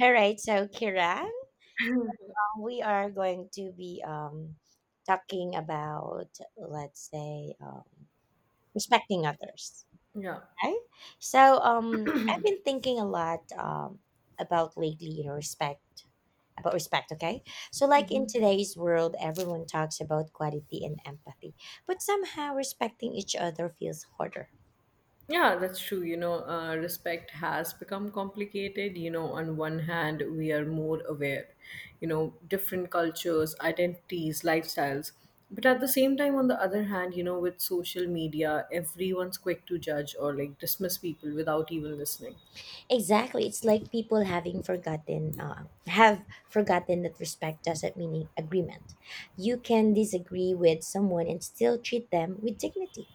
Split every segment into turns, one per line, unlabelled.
All right, so Kiran, we are going to be talking about, let's say, respecting others.
Yeah.
Okay, so I've been thinking a lot about lately, you know, respect about respect. Okay, so like
Hmm.
in today's world, everyone talks about quality and empathy, but somehow respecting each other feels harder.
Yeah, that's true. Respect has become complicated. On one hand, we are more aware, different cultures, identities, lifestyles. But at the same time, on the other hand, with social media, everyone's quick to judge or like dismiss people without even listening.
Exactly. It's like people having forgotten have forgotten that respect doesn't mean agreement. You can disagree with someone and still treat them with dignity.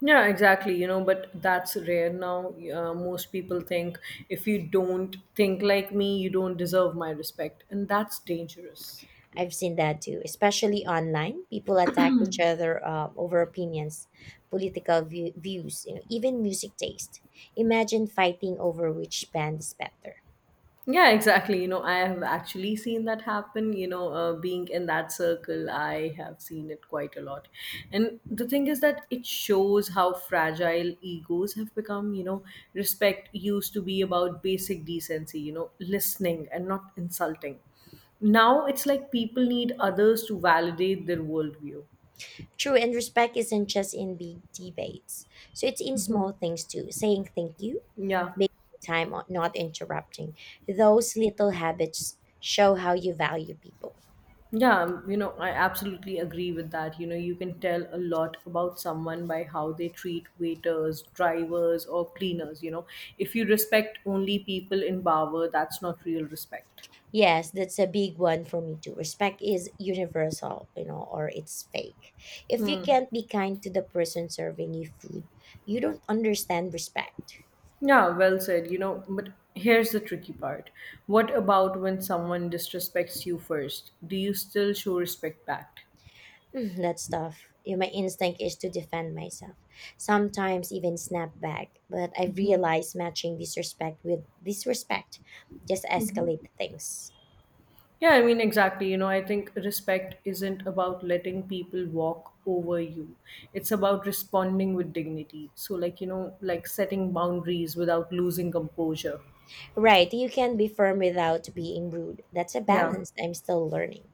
Yeah, exactly. But that's rare now. Most people think if you don't think like me, you don't deserve my respect. And that's dangerous.
I've seen that too, especially online. People attack each other over opinions, views, you know, even music taste. Imagine fighting over which band is better.
Yeah, exactly. I have actually seen that happen. Being in that circle, I have seen it quite a lot. And the thing is that it shows how fragile egos have become. Respect used to be about basic decency, listening and not insulting. Now it's like people need others to validate their worldview.
True, and respect isn't just in big debates. So it's in
Mhm.
small things too, saying thank you,
Yeah.
making time, or not interrupting. Those little habits show how you value people.
Yeah, I absolutely agree with that. You can tell a lot about someone by how they treat waiters, drivers, or cleaners. If you respect only people in Bawar, that's not real respect.
Yes, that's a big one for me too. Respect is universal, you know, or it's fake. If you can't be kind to the person serving you food, you don't understand respect.
Yeah, well said. But here's the tricky part. What about when someone disrespects you first? Do you still show respect back?
Mm, that's tough. Yeah, my instinct is to defend myself, sometimes even snap back. But I've realized matching disrespect with disrespect just escalate things.
Yeah, I mean, exactly. I think respect isn't about letting people walk over you. It's about responding with dignity. So, like, like setting boundaries without losing composure.
Right, you can be firm without being rude. That's a
Yeah.
balance I'm still learning.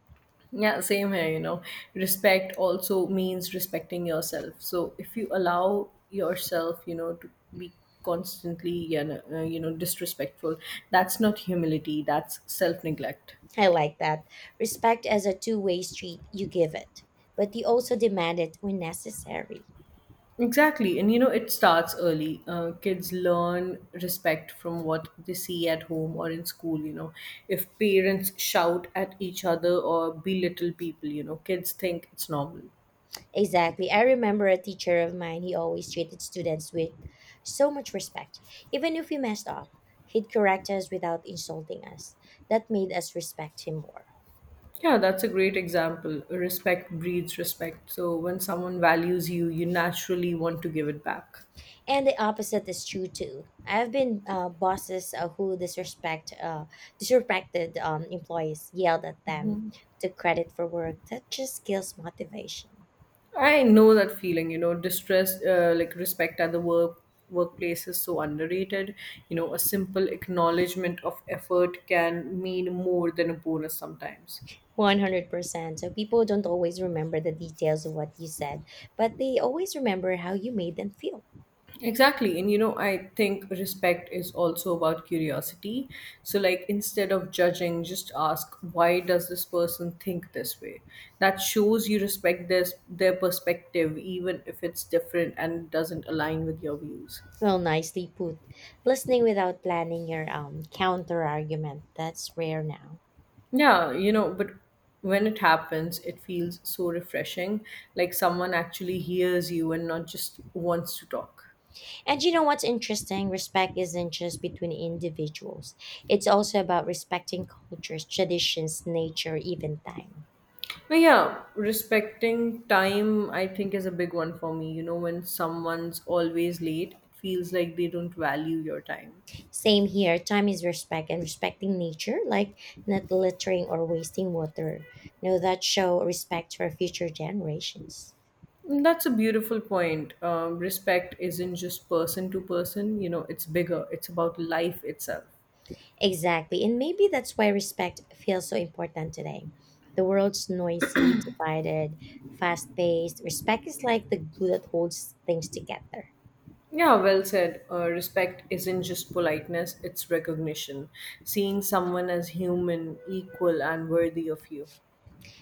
Yeah, same here. Respect also means respecting yourself. So if you allow yourself, to be constantly, disrespectful, that's not humility, that's self-neglect.
I like that. Respect as a two-way street, you give it, but you also demand it when necessary.
Exactly. And it starts early. Kids learn respect from what they see at home or in school. If parents shout at each other or belittle people, kids think it's normal.
Exactly. I remember a teacher of mine, he always treated students with so much respect. Even if we messed up, he'd correct us without insulting us. That made us respect him more.
Yeah, that's a great example. Respect breeds respect. So when someone values you, you naturally want to give it back.
And the opposite is true too. I've been bosses who disrespected employees, yelled at them, took credit for work. That just kills motivation.
I know that feeling, distress, like respect at the workplace is so underrated. A simple acknowledgement of effort can mean more than a bonus sometimes.
100%. So people don't always remember the details of what you said, but they always remember how you made them feel.
Exactly. And I think respect is also about curiosity. So, like, instead of judging, just ask, why does this person think this way? That shows you respect this, their perspective, even if it's different and doesn't align with your views.
Well, nicely put. Listening without planning your counter argument, that's rare now.
Yeah, but when it happens, it feels so refreshing. Like someone actually hears you and not just wants to talk.
And you know what's interesting? Respect isn't just between individuals, it's also about respecting cultures, traditions, nature, even time.
But yeah, respecting time, I think, is a big one for me. When someone's always late, it feels like they don't value your time.
Same here, time is respect and respecting nature, like not littering or wasting water. Now that show respect for future generations.
And that's a beautiful point. Respect isn't just person to person, it's bigger, it's about life itself.
Exactly, and maybe that's why respect feels so important today. The world's noisy, divided, fast paced. Respect is like the glue that holds things together.
Yeah, well said. Respect isn't just politeness, it's recognition, seeing someone as human, equal, and worthy of you.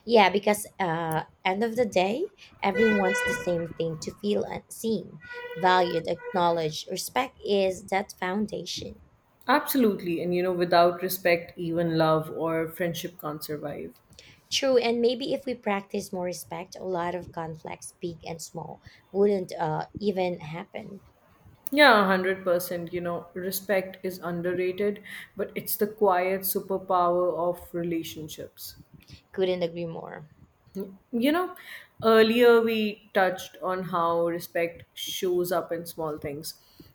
Yeah, because end of the day, everyone wants the same thing to feel seen, valued, acknowledged. Respect is that foundation.
Absolutely. And without respect, even love or friendship can't survive.
True, and maybe if we practice more respect, a lot of conflicts, big and small, wouldn't even happen.
Yeah, 100%. Respect is underrated, but it's the quiet superpower of relationships.
Couldn't agree more.
You know, earlier we touched on how respect shows up in small things,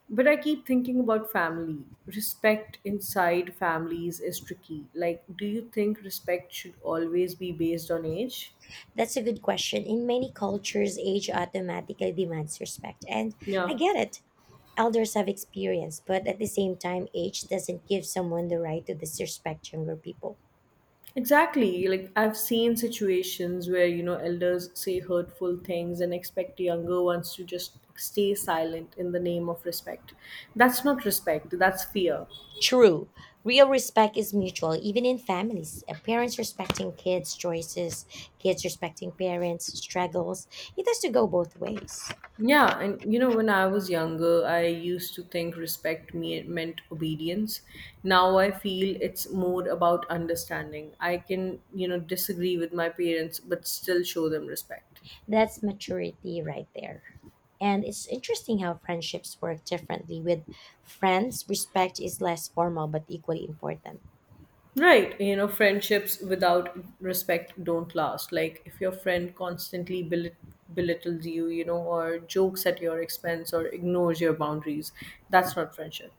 but I keep thinking about family. Respect inside families is tricky. Like, do you think respect should always be based on age?
That's a good question. In many cultures, age automatically demands respect, and I
Yeah.
get it. Elders have experience, but at the same time, age doesn't give someone the right to disrespect younger people.
Exactly. Like I've seen situations where, elders say hurtful things and expect younger ones to just stay silent in the name of respect. That's not respect, that's fear.
True. Real respect is mutual, even in families. Parents respecting kids' choices, kids respecting parents' struggles. It has to go both ways.
Yeah, and when I was younger, I used to think respect me meant obedience. Now I feel it's more about understanding. I can, disagree with my parents, but still show them respect.
That's maturity right there. And it's interesting how friendships work differently. With friends, respect is less formal but equally important.
Right, friendships without respect don't last. Like if your friend constantly belittles you, or jokes at your expense or ignores your boundaries, that's not friendship.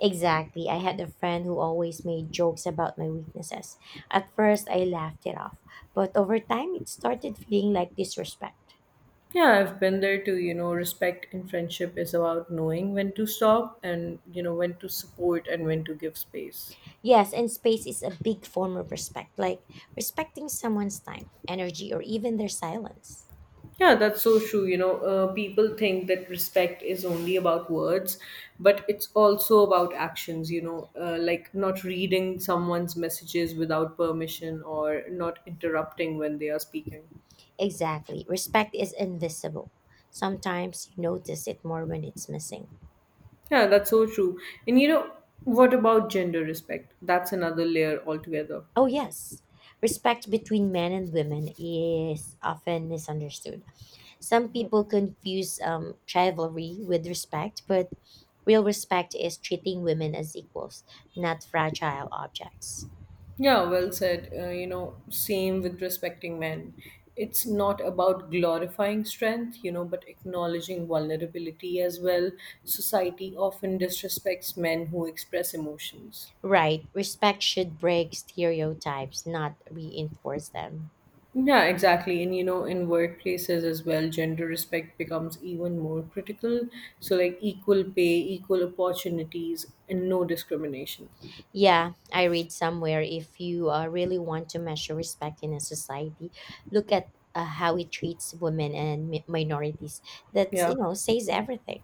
Exactly. I had a friend who always made jokes about my weaknesses. At first, I laughed it off, but over time, it started feeling like disrespect.
Yeah, I've been there too. Respect in friendship is about knowing when to stop and, when to support and when to give space.
Yes, and space is a big form of respect, like respecting someone's time, energy, or even their silence.
Yeah, that's so true. People think that respect is only about words, but it's also about actions, like not reading someone's messages without permission or not interrupting when they are speaking.
Exactly. Respect is invisible. Sometimes you notice it more when it's missing.
Yeah, that's so true. And what about gender respect? That's another layer altogether.
Oh, yes. Respect between men and women is often misunderstood. Some people confuse chivalry with respect, but real respect is treating women as equals, not fragile objects.
Yeah, well said. Same with respecting men. It's not about glorifying strength, but acknowledging vulnerability as well. Society often disrespects men who express emotions.
Right, respect should break stereotypes, not reinforce them.
Yeah, exactly. And in workplaces as well, gender respect becomes even more critical. So, like equal pay, equal opportunities, and no discrimination.
Yeah, I read somewhere if you really want to measure respect in a society, look at how it treats women and minorities. That's,
Yeah.
you know, says everything.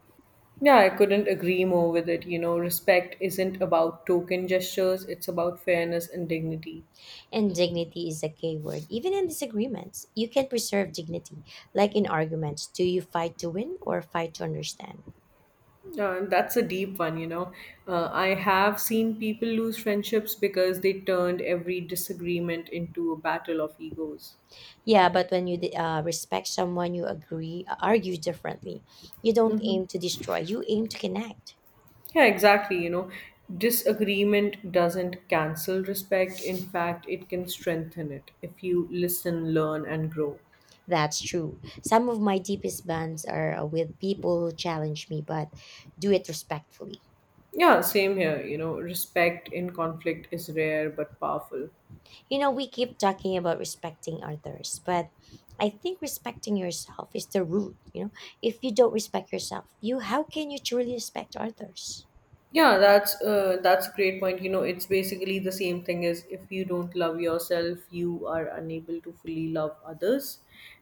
Yeah, I couldn't agree more with it. Respect isn't about token gestures, it's about fairness and dignity.
And dignity is a key word. Even in disagreements, you can preserve dignity. Like in arguments, do you fight to win or fight to understand?
That's a deep one. I have seen people lose friendships because they turned every disagreement into a battle of egos.
Yeah, but when you respect someone, you argue differently. You don't
Hmm.
aim to destroy, you aim to connect.
Yeah, exactly. Disagreement doesn't cancel respect. In fact, it can strengthen it if you listen, learn, and grow.
That's true. Some of my deepest bonds are with people who challenge me, but do it respectfully.
Yeah, same here. Respect in conflict is rare but powerful.
You know, we keep talking about respecting others, but I think respecting yourself is the root. You know, if you don't respect yourself, you how can you truly respect others?
Yeah, that's a great point. It's basically the same thing as if you don't love yourself, you are unable to fully love others,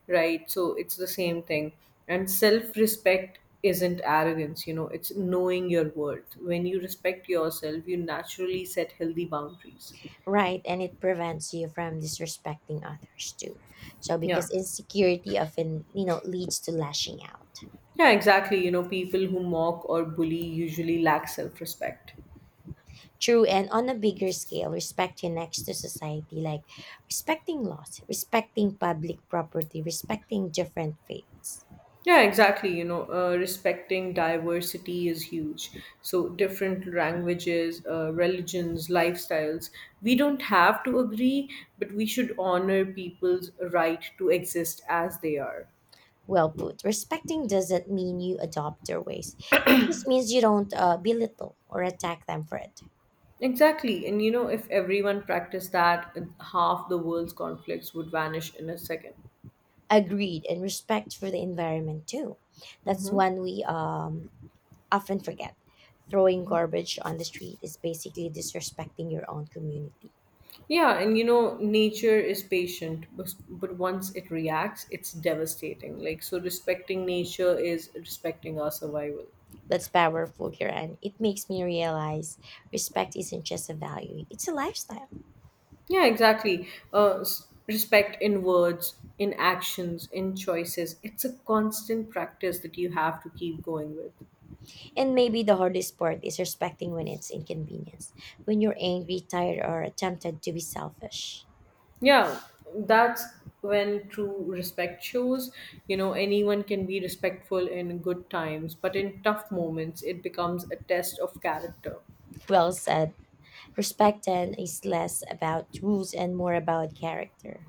right? So it's the same thing. And self-respect isn't arrogance, it's knowing your worth. When you respect yourself, you naturally set healthy boundaries.
Right, and it prevents you from disrespecting others too. So
Yeah.
because insecurity often, you know, leads to lashing out.
Yeah, exactly. People who mock or bully usually lack self-respect.
True, and on a bigger scale, respect connects to society, like respecting laws, respecting public property, respecting different faiths.
Yeah, exactly. Respecting diversity is huge. So, different languages, religions, lifestyles. We don't have to agree, but we should honor people's right to exist as they are.
Well put. Respecting doesn't mean you adopt their ways. It just means you don't belittle or attack them for it.
Exactly. And if everyone practiced that, half the world's conflicts would vanish in a second.
Agreed, and respect for the environment too. That's
Hmm.
one we often forget. Throwing garbage on the street is basically disrespecting your own community.
Yeah, and nature is patient, but once it reacts, it's devastating. Like, so respecting nature is respecting our survival.
That's powerful, Kiran. It makes me realize respect isn't just a value, it's a lifestyle.
Yeah, exactly. Respect in words, in actions, in choices. It's a constant practice that you have to keep going with.
And maybe the hardest part is respecting when it's inconvenience, when you're angry, tired, or tempted to be selfish.
Yeah, that's when true respect shows. Anyone can be respectful in good times, but in tough moments, it becomes a test of character.
Well said. Respect then is less about rules and more about character.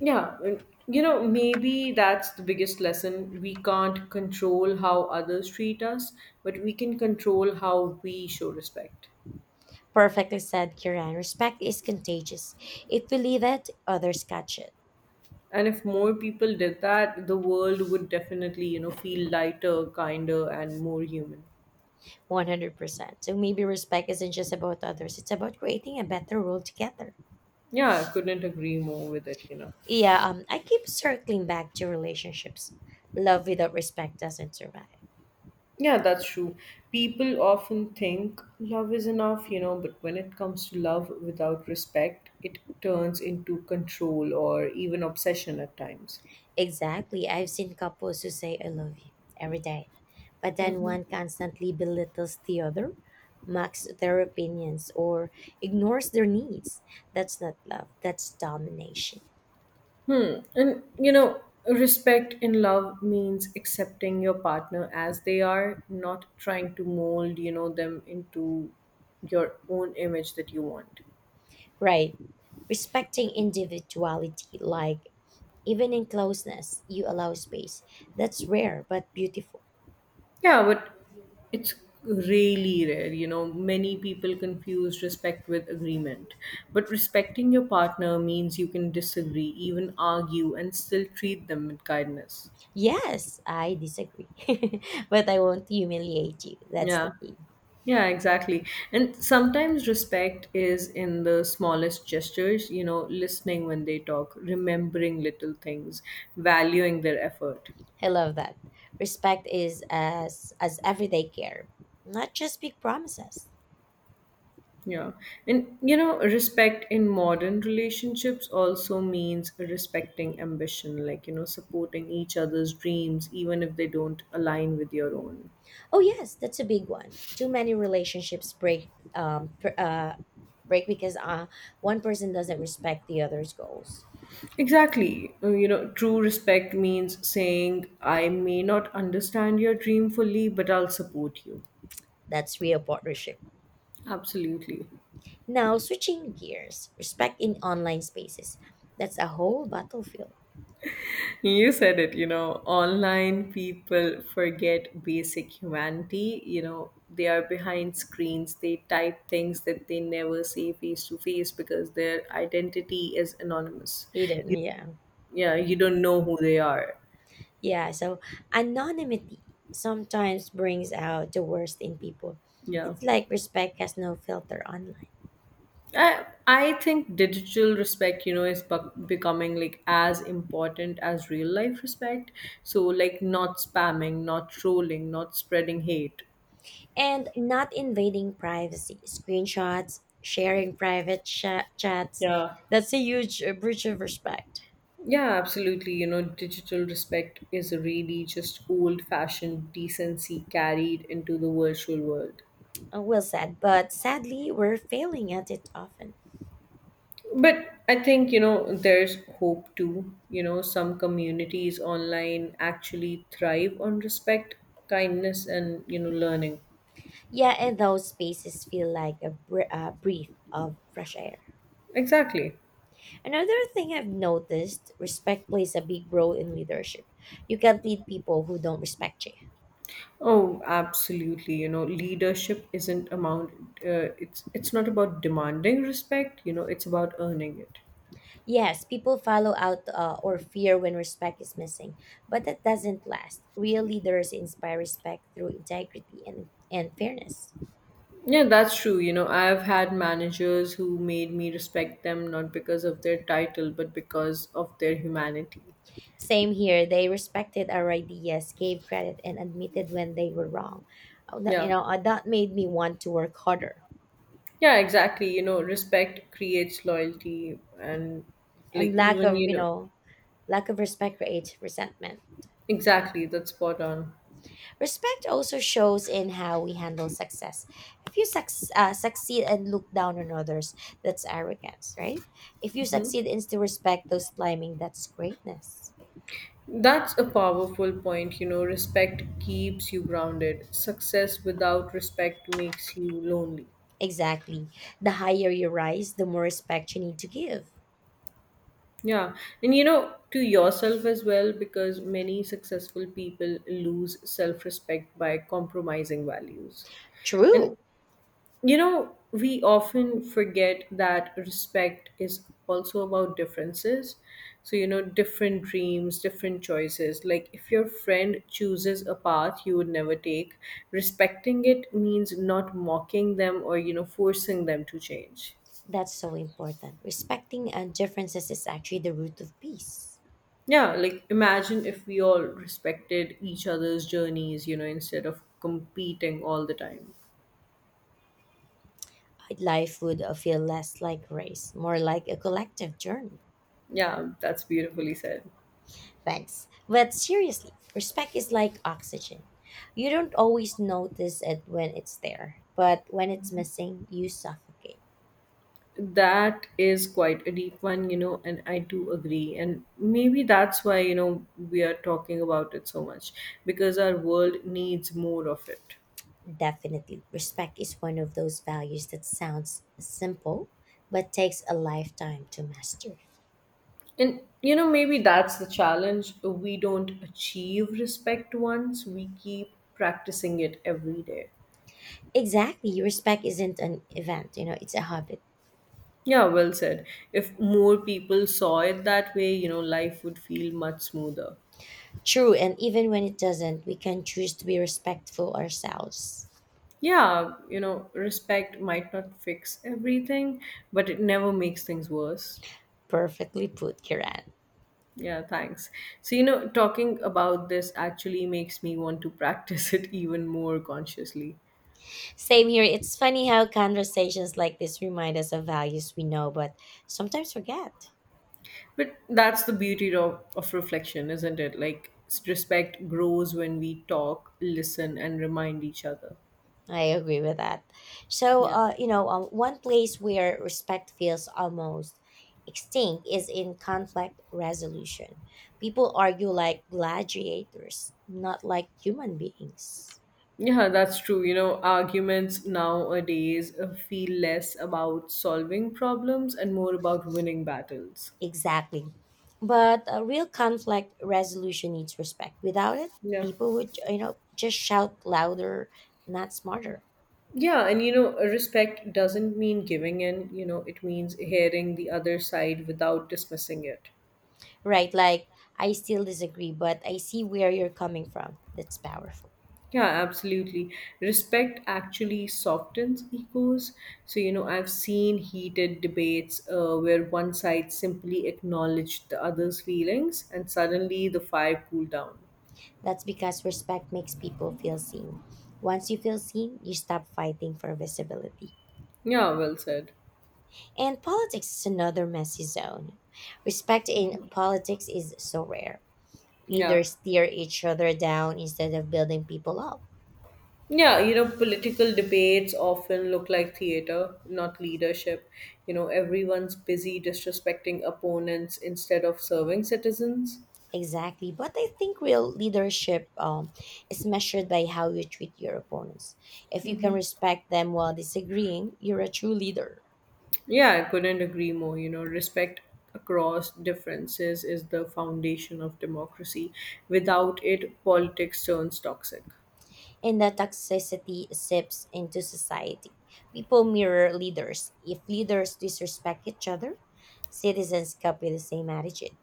Yeah, and maybe that's the biggest lesson. We can't control how others treat us, but we can control how we show respect.
Perfectly said, Kiran. Respect is contagious. If we leave it, others catch it.
And if more people did that, the world would definitely feel lighter, kinder, and more human.
100%. So maybe respect isn't just about others, it's about creating a better world together.
Yeah, I couldn't agree more with it.
Yeah, I keep circling back to relationships. Love without respect doesn't survive.
Yeah, that's true. People often think love is enough, but when it comes to love without respect, it turns into control or even obsession at times.
Exactly. I've seen couples who say, I love you every day, but then
Mhm.
one constantly belittles the other, mocks their opinions, or ignores their needs. That's not love, that's domination.
Hmm. And respect in love means accepting your partner as they are, not trying to mold, them into your own image that you want.
Right. Respecting individuality, like even in closeness, you allow space. That's rare but beautiful.
Yeah, but it's really rare. Many people confuse respect with agreement. But respecting your partner means you can disagree, even argue, and still treat them with kindness.
Yes, I disagree but I won't humiliate you. That's the
Yeah.
key.
Yeah, exactly. And sometimes respect is in the smallest gestures, listening when they talk, remembering little things, valuing their effort.
I love that. Respect is as everyday care, not just big promises.
Yeah. And respect in modern relationships also means respecting ambition, like, supporting each other's dreams, even if they don't align with your own.
Oh yes, that's a big one. Too many relationships um pr- uh break because one person doesn't respect the other's goals.
Exactly. True respect means saying, I may not understand your dream fully, but I'll support you.
That's real partnership.
Absolutely.
Now switching gears, respect in online spaces. That's a whole battlefield.
You said it, online people forget basic humanity. They are behind screens, they type things that they never say face to face because their identity is anonymous.
Hidden,
You,
yeah.
yeah, you don't know who they are.
Yeah, so anonymity sometimes brings out the worst in people.
Yeah.
It's like respect has no filter online.
I think digital respect, is becoming like as important as real life respect. So, like, not spamming, not trolling, not spreading hate.
And not invading privacy, screenshots, sharing chats,
Yeah.
that's a huge breach of respect.
Yeah, absolutely. Digital respect is really just old fashioned decency carried into the virtual world.
Well said, but sadly, we're failing at it often.
But I think, there's hope too. Some communities online actually thrive on respect, kindness, and, learning.
Yeah, and those spaces feel like a breath of fresh air.
Exactly.
Another thing I've noticed, respect plays a big role in leadership. You can't lead people who don't respect you.
Oh, absolutely. Leadership isn't amount. It's not about demanding respect. It's about earning it.
Yes, people follow out or fear when respect is missing, but that doesn't last. Real leaders inspire respect through integrity and fairness.
Yeah, that's true. I've had managers who made me respect them not because of their title, but because of their humanity.
Same here, they respected our ideas, gave credit, and admitted when they were wrong. You
Yeah.
know, that made me want to work harder.
Yeah, exactly. Respect creates loyalty and
And
like
lack
even,
of, you know, lack of respect creates resentment.
exactly, that's spot on.
Respect also shows in how we handle success. If you succeed and look down on others, that's arrogance, right? If you succeed and still respect those climbing, that's greatness.
That's a powerful point. Respect keeps you grounded. Success without respect makes you lonely.
Exactly. The higher you rise, the more respect you need to give.
Yeah, and to yourself as well, because many successful people lose self respect by compromising values.
True.
And we often forget that respect is also about differences. So, different dreams, different choices. Like, if your friend chooses a path you would never take, respecting it means not mocking them or, forcing them to change.
That's so important. Respecting differences is actually the root of peace.
Yeah, like imagine if we all respected each other's journeys, you know, instead of competing all the time.
Life would feel less like race, more like a collective journey.
Yeah, that's beautifully said.
Thanks. But seriously, respect is like oxygen. You don't always notice it when it's there, but when it's missing, you suffocate.
That is quite a deep one, you know, and I do agree. And maybe that's why, you know, we are talking about it so much because our world needs more of it.
Definitely, respect is one of those values that sounds simple, but takes a lifetime to master.
And you know, maybe that's the challenge. We don't achieve respect once, we keep practicing it every day.
Exactly, respect isn't an event, you know, it's a habit.
Yeah, well said. If more people saw it that way, you know, life would feel much smoother.
True, and even when it doesn't, we can choose to be respectful ourselves.
Yeah, you know, respect might not fix everything, but it never makes things worse.
Perfectly put, Kiran.
Yeah, thanks. So, you know, talking about this actually makes me want to practice it even more consciously.
Same here. It's funny how conversations like this remind us of values we know, but sometimes forget.
But that's the beauty of reflection, isn't it? Like, respect grows when we talk, listen, and remind each other.
I agree with that. So,
Yeah.
one place where respect feels almost extinct is in conflict resolution. People argue like gladiators, not like human beings.
Yeah, that's true. You know, arguments nowadays feel less about solving problems and more about winning battles.
Exactly. But a real conflict resolution needs respect. Without it,
Yeah.
people would, you know, just shout louder, not smarter.
Yeah, and you know, respect doesn't mean giving in, you know, it means hearing the other side without dismissing it.
Right, like I still disagree, but I see where you're coming from. That's powerful.
Yeah, absolutely. Respect actually softens egos. So, you know, I've seen heated debates where one side simply acknowledged the other's feelings and suddenly the fire cooled down.
That's because respect makes people feel seen. Once you feel seen, you stop fighting for visibility.
Yeah, well said.
And politics is another messy zone. Respect in politics is so rare.
Yeah.
Leaders tear each other down instead of building people up.
Yeah, you know, political debates often look like theater, not leadership. You know, everyone's busy disrespecting opponents instead of serving citizens.
Exactly, but I think real leadership is measured by how you treat your opponents. If you can respect them while disagreeing, you're a true leader.
Yeah, I couldn't agree more. You know, respect across differences is the foundation of democracy. Without it, politics turns toxic.
And the toxicity seeps into society. People mirror leaders. If leaders disrespect each other, citizens copy the same attitude.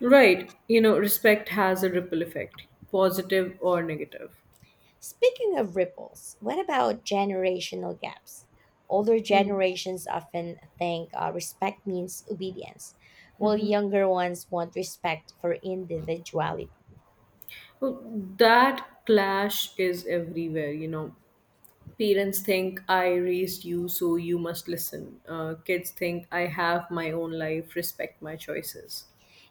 Right. You know, respect has a ripple effect, positive or negative.
Speaking of ripples, what about generational gaps? Older
Hmm.
generations often think respect means obedience, while younger ones want respect for individuality.
Well, that clash is everywhere, you know. Parents think I raised you, so you must listen. Kids think I have my own life, respect my choices.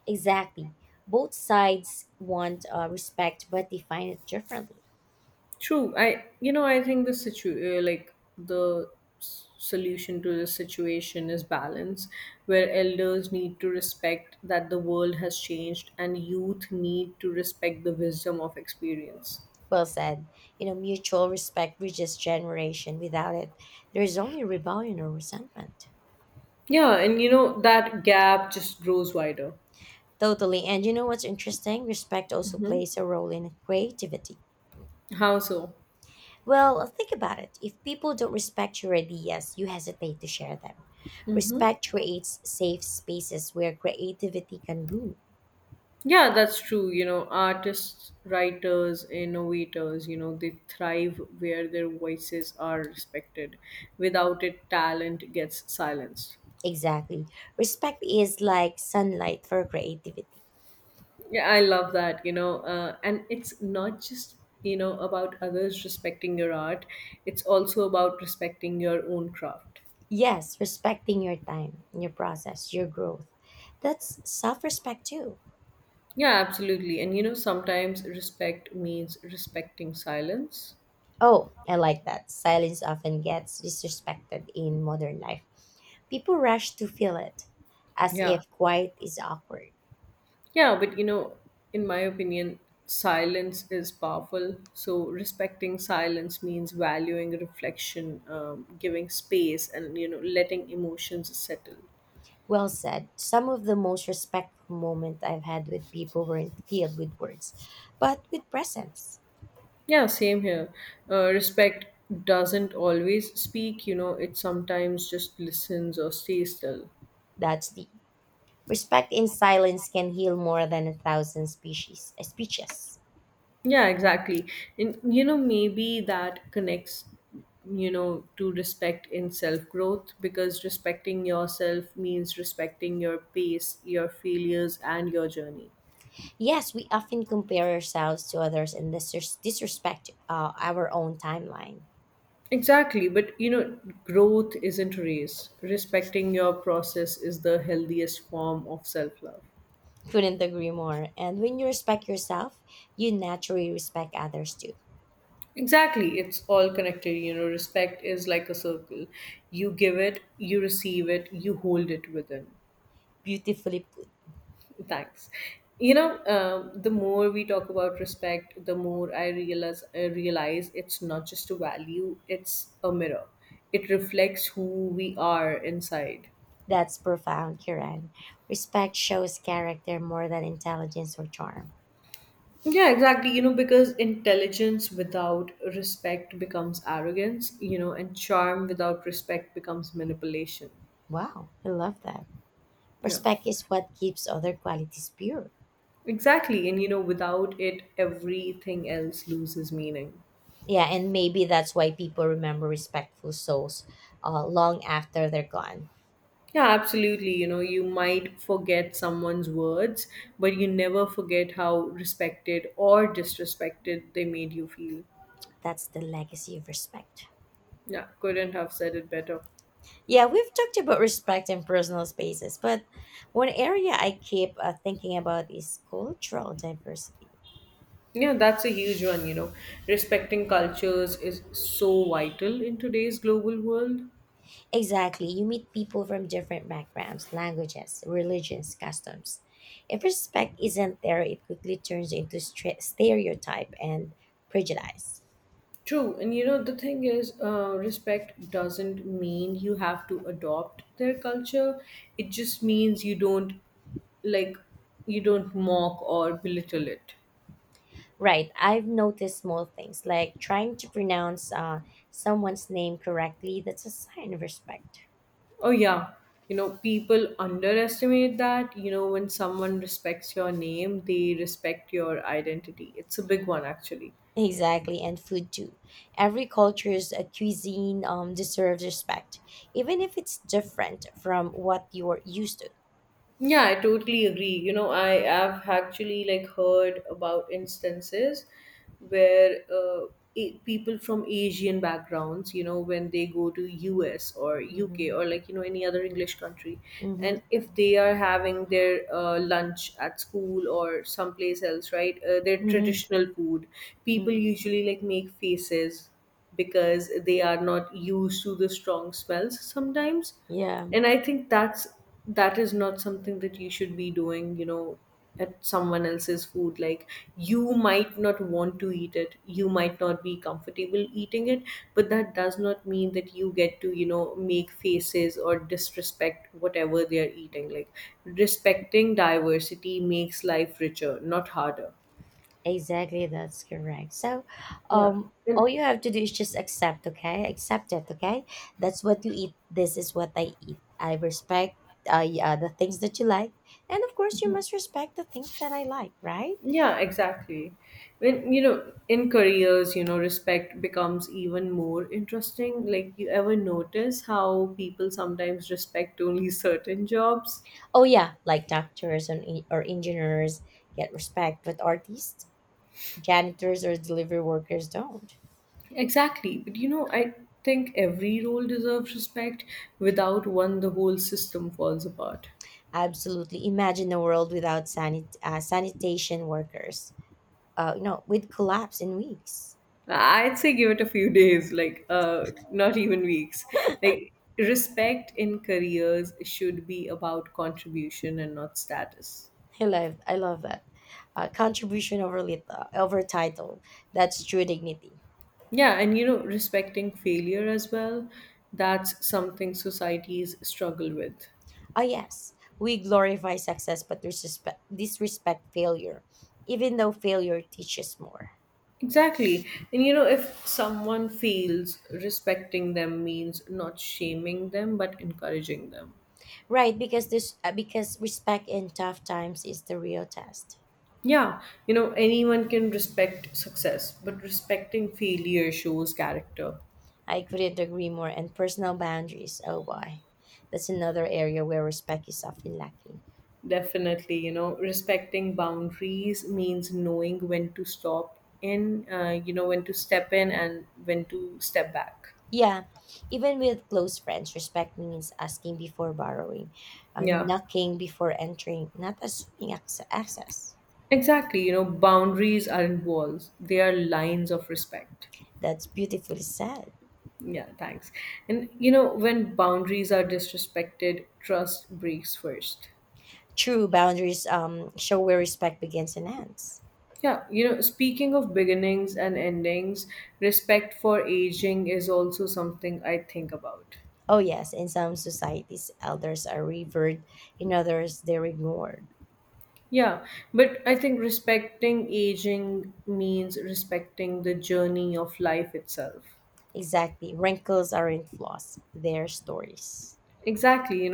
Exactly. Both sides want respect but define it differently.
True. I think the situ like the s- solution to this situation is balance, where elders need to respect that the world has changed, and youth need to respect the wisdom of experience.
Well said. You know, mutual respect bridges generation. Without it, there is only rebellion or resentment.
Yeah, and you know that gap just grows wider.
Totally. And you know what's interesting? Respect also
Hmm.
plays a role in creativity.
How so?
Well, think about it. If people don't respect your ideas, you hesitate to share them.
Mm-hmm.
Respect creates safe spaces where creativity can bloom.
Yeah, that's true. You know, artists, writers, innovators, you know, they thrive where their voices are respected. Without it, talent gets silenced.
Exactly. Respect is like sunlight for creativity.
Yeah, I love that, you know, and it's not just, you know, about others respecting your art, it's also about respecting your own craft.
Yes, respecting your time, your process, your growth. That's self respect too.
Yeah, absolutely. And, you know, sometimes respect means respecting silence.
Oh, I like that. Silence often gets disrespected in modern life. People rush to fill it, as
Yeah.
if quiet is awkward.
Yeah, but you know, in my opinion, silence is powerful. So respecting silence means valuing reflection, giving space, and you know, letting emotions settle.
Well said. Some of the most respectful moments I've had with people weren't filled with words, but with presence.
Yeah, same here. Respect doesn't always speak. You know, it sometimes just listens or stays still.
That's deep. Respect in silence can heal more than a thousand species speeches.
Yeah, exactly. And you know, maybe that connects, you know, to respect in self growth because respecting yourself means respecting your pace, your failures, and your journey.
Yes, we often compare ourselves to others and disrespect our own timeline.
Exactly. But you know, growth isn't a race. Respecting your process is the healthiest form of self love.
Couldn't agree more. And when you respect yourself, you naturally respect others too.
Exactly. It's all connected. You know, respect is like a circle. You give it, you receive it, you hold it within.
Beautifully put.
Thanks. You know, the more we talk about respect, the more I realize it's not just a value; it's a mirror. It reflects who we are inside.
That's profound, Kiran. Respect shows character more than intelligence or charm.
Yeah, exactly. You know, because intelligence without respect becomes arrogance. You know, and charm without respect becomes manipulation.
Wow, I love that.
Yeah,
Respect is what keeps other qualities pure.
exactly. And you know, without it, everything else loses meaning.
Yeah, and maybe that's why people remember respectful souls long after they're gone.
Yeah, absolutely. You know, you might forget someone's words, but you never forget how respected or disrespected they made you feel.
That's the legacy of respect.
Yeah, couldn't have said it better.
Yeah, we've talked about respect in personal spaces, but one area I keep thinking about is cultural diversity.
Yeah, that's a huge one, you know. Respecting cultures is so vital in today's global world.
Exactly, you meet people from different backgrounds, languages, religions, customs. If respect isn't there, it quickly turns into stereotype and prejudice.
True, and you know, the thing is, respect doesn't mean you have to adopt their culture. It just means you don't, like, you don't mock or belittle it.
Right, I've noticed small things like trying to pronounce someone's name correctly, that's a sign of respect.
Oh, yeah. You know, people underestimate that. You know, when someone respects your name, they respect your identity. It's a big one, actually.
Exactly, and food too. Every culture's cuisine deserves respect, even if it's different from what you're used to.
Yeah, I totally agree. You know, I have actually like heard about instances where people from Asian backgrounds, you know, when they go to US or UK or
Hmm.
like you know any other English country,
Mm-hmm.
and if they are having their lunch at school or someplace else, right, their
Mm-hmm.
traditional food, people
Hmm.
usually like make faces because they are not used to the strong smells sometimes,
Yeah,
and I think that is not something that you should be doing, you know, at someone else's food. Like, you might not want to eat it, you might not be comfortable eating it, but that does not mean that you get to, you know, make faces or disrespect whatever they are eating. Like, respecting diversity makes life richer, not harder.
exactly. That's correct. So,
Yeah. And
all you have to do is just accept, okay? Accept it, okay? That's what you eat. This is what I eat. I respect the things that you like. And of course, you must respect the things that I like, right?
yeah, exactly. When you know, in careers, you know, respect becomes even more interesting. Like, you ever notice how people sometimes respect only certain jobs?
Oh yeah, like doctors or engineers get respect, but artists, janitors, or delivery workers don't.
Exactly. But you know, I think every role deserves respect. Without one, the whole system falls apart.
Absolutely, imagine a world without sanitation workers. You know, with collapse in weeks.
I'd say give it a few days, like not even weeks. Like, respect in careers should be about contribution and not status.
I love that. Contribution over over title. That's true dignity.
Yeah, and you know, respecting failure as well, that's something societies struggle with.
Ah yes, we glorify success, but disrespect failure, even though failure teaches more.
Exactly. And you know, if someone fails, respecting them means not shaming them, but encouraging them.
Right, because this because respect in tough times is the real test.
Yeah, you know, anyone can respect success, but respecting failure shows character.
I couldn't agree more. And personal boundaries, oh boy, that's another area where respect is often lacking.
Definitely, you know, respecting boundaries means knowing when to stop in, you know, when to step in and when to step back.
Yeah, even with close friends, respect means asking before borrowing,
Yeah.
knocking before entering, not assuming access.
Exactly, you know, boundaries aren't walls, they are lines of respect.
That's beautifully said.
Yeah, thanks. And you know, when boundaries are disrespected, trust breaks first.
True boundaries show where respect begins and ends.
Yeah, you know, speaking of beginnings and endings, respect for aging is also something I think about.
Oh yes, in some societies, elders are revered; in others, they're ignored.
Yeah, but I think respecting aging means respecting the journey of life itself.
Exactly. Wrinkles aren't flaws, they're stories.
Exactly.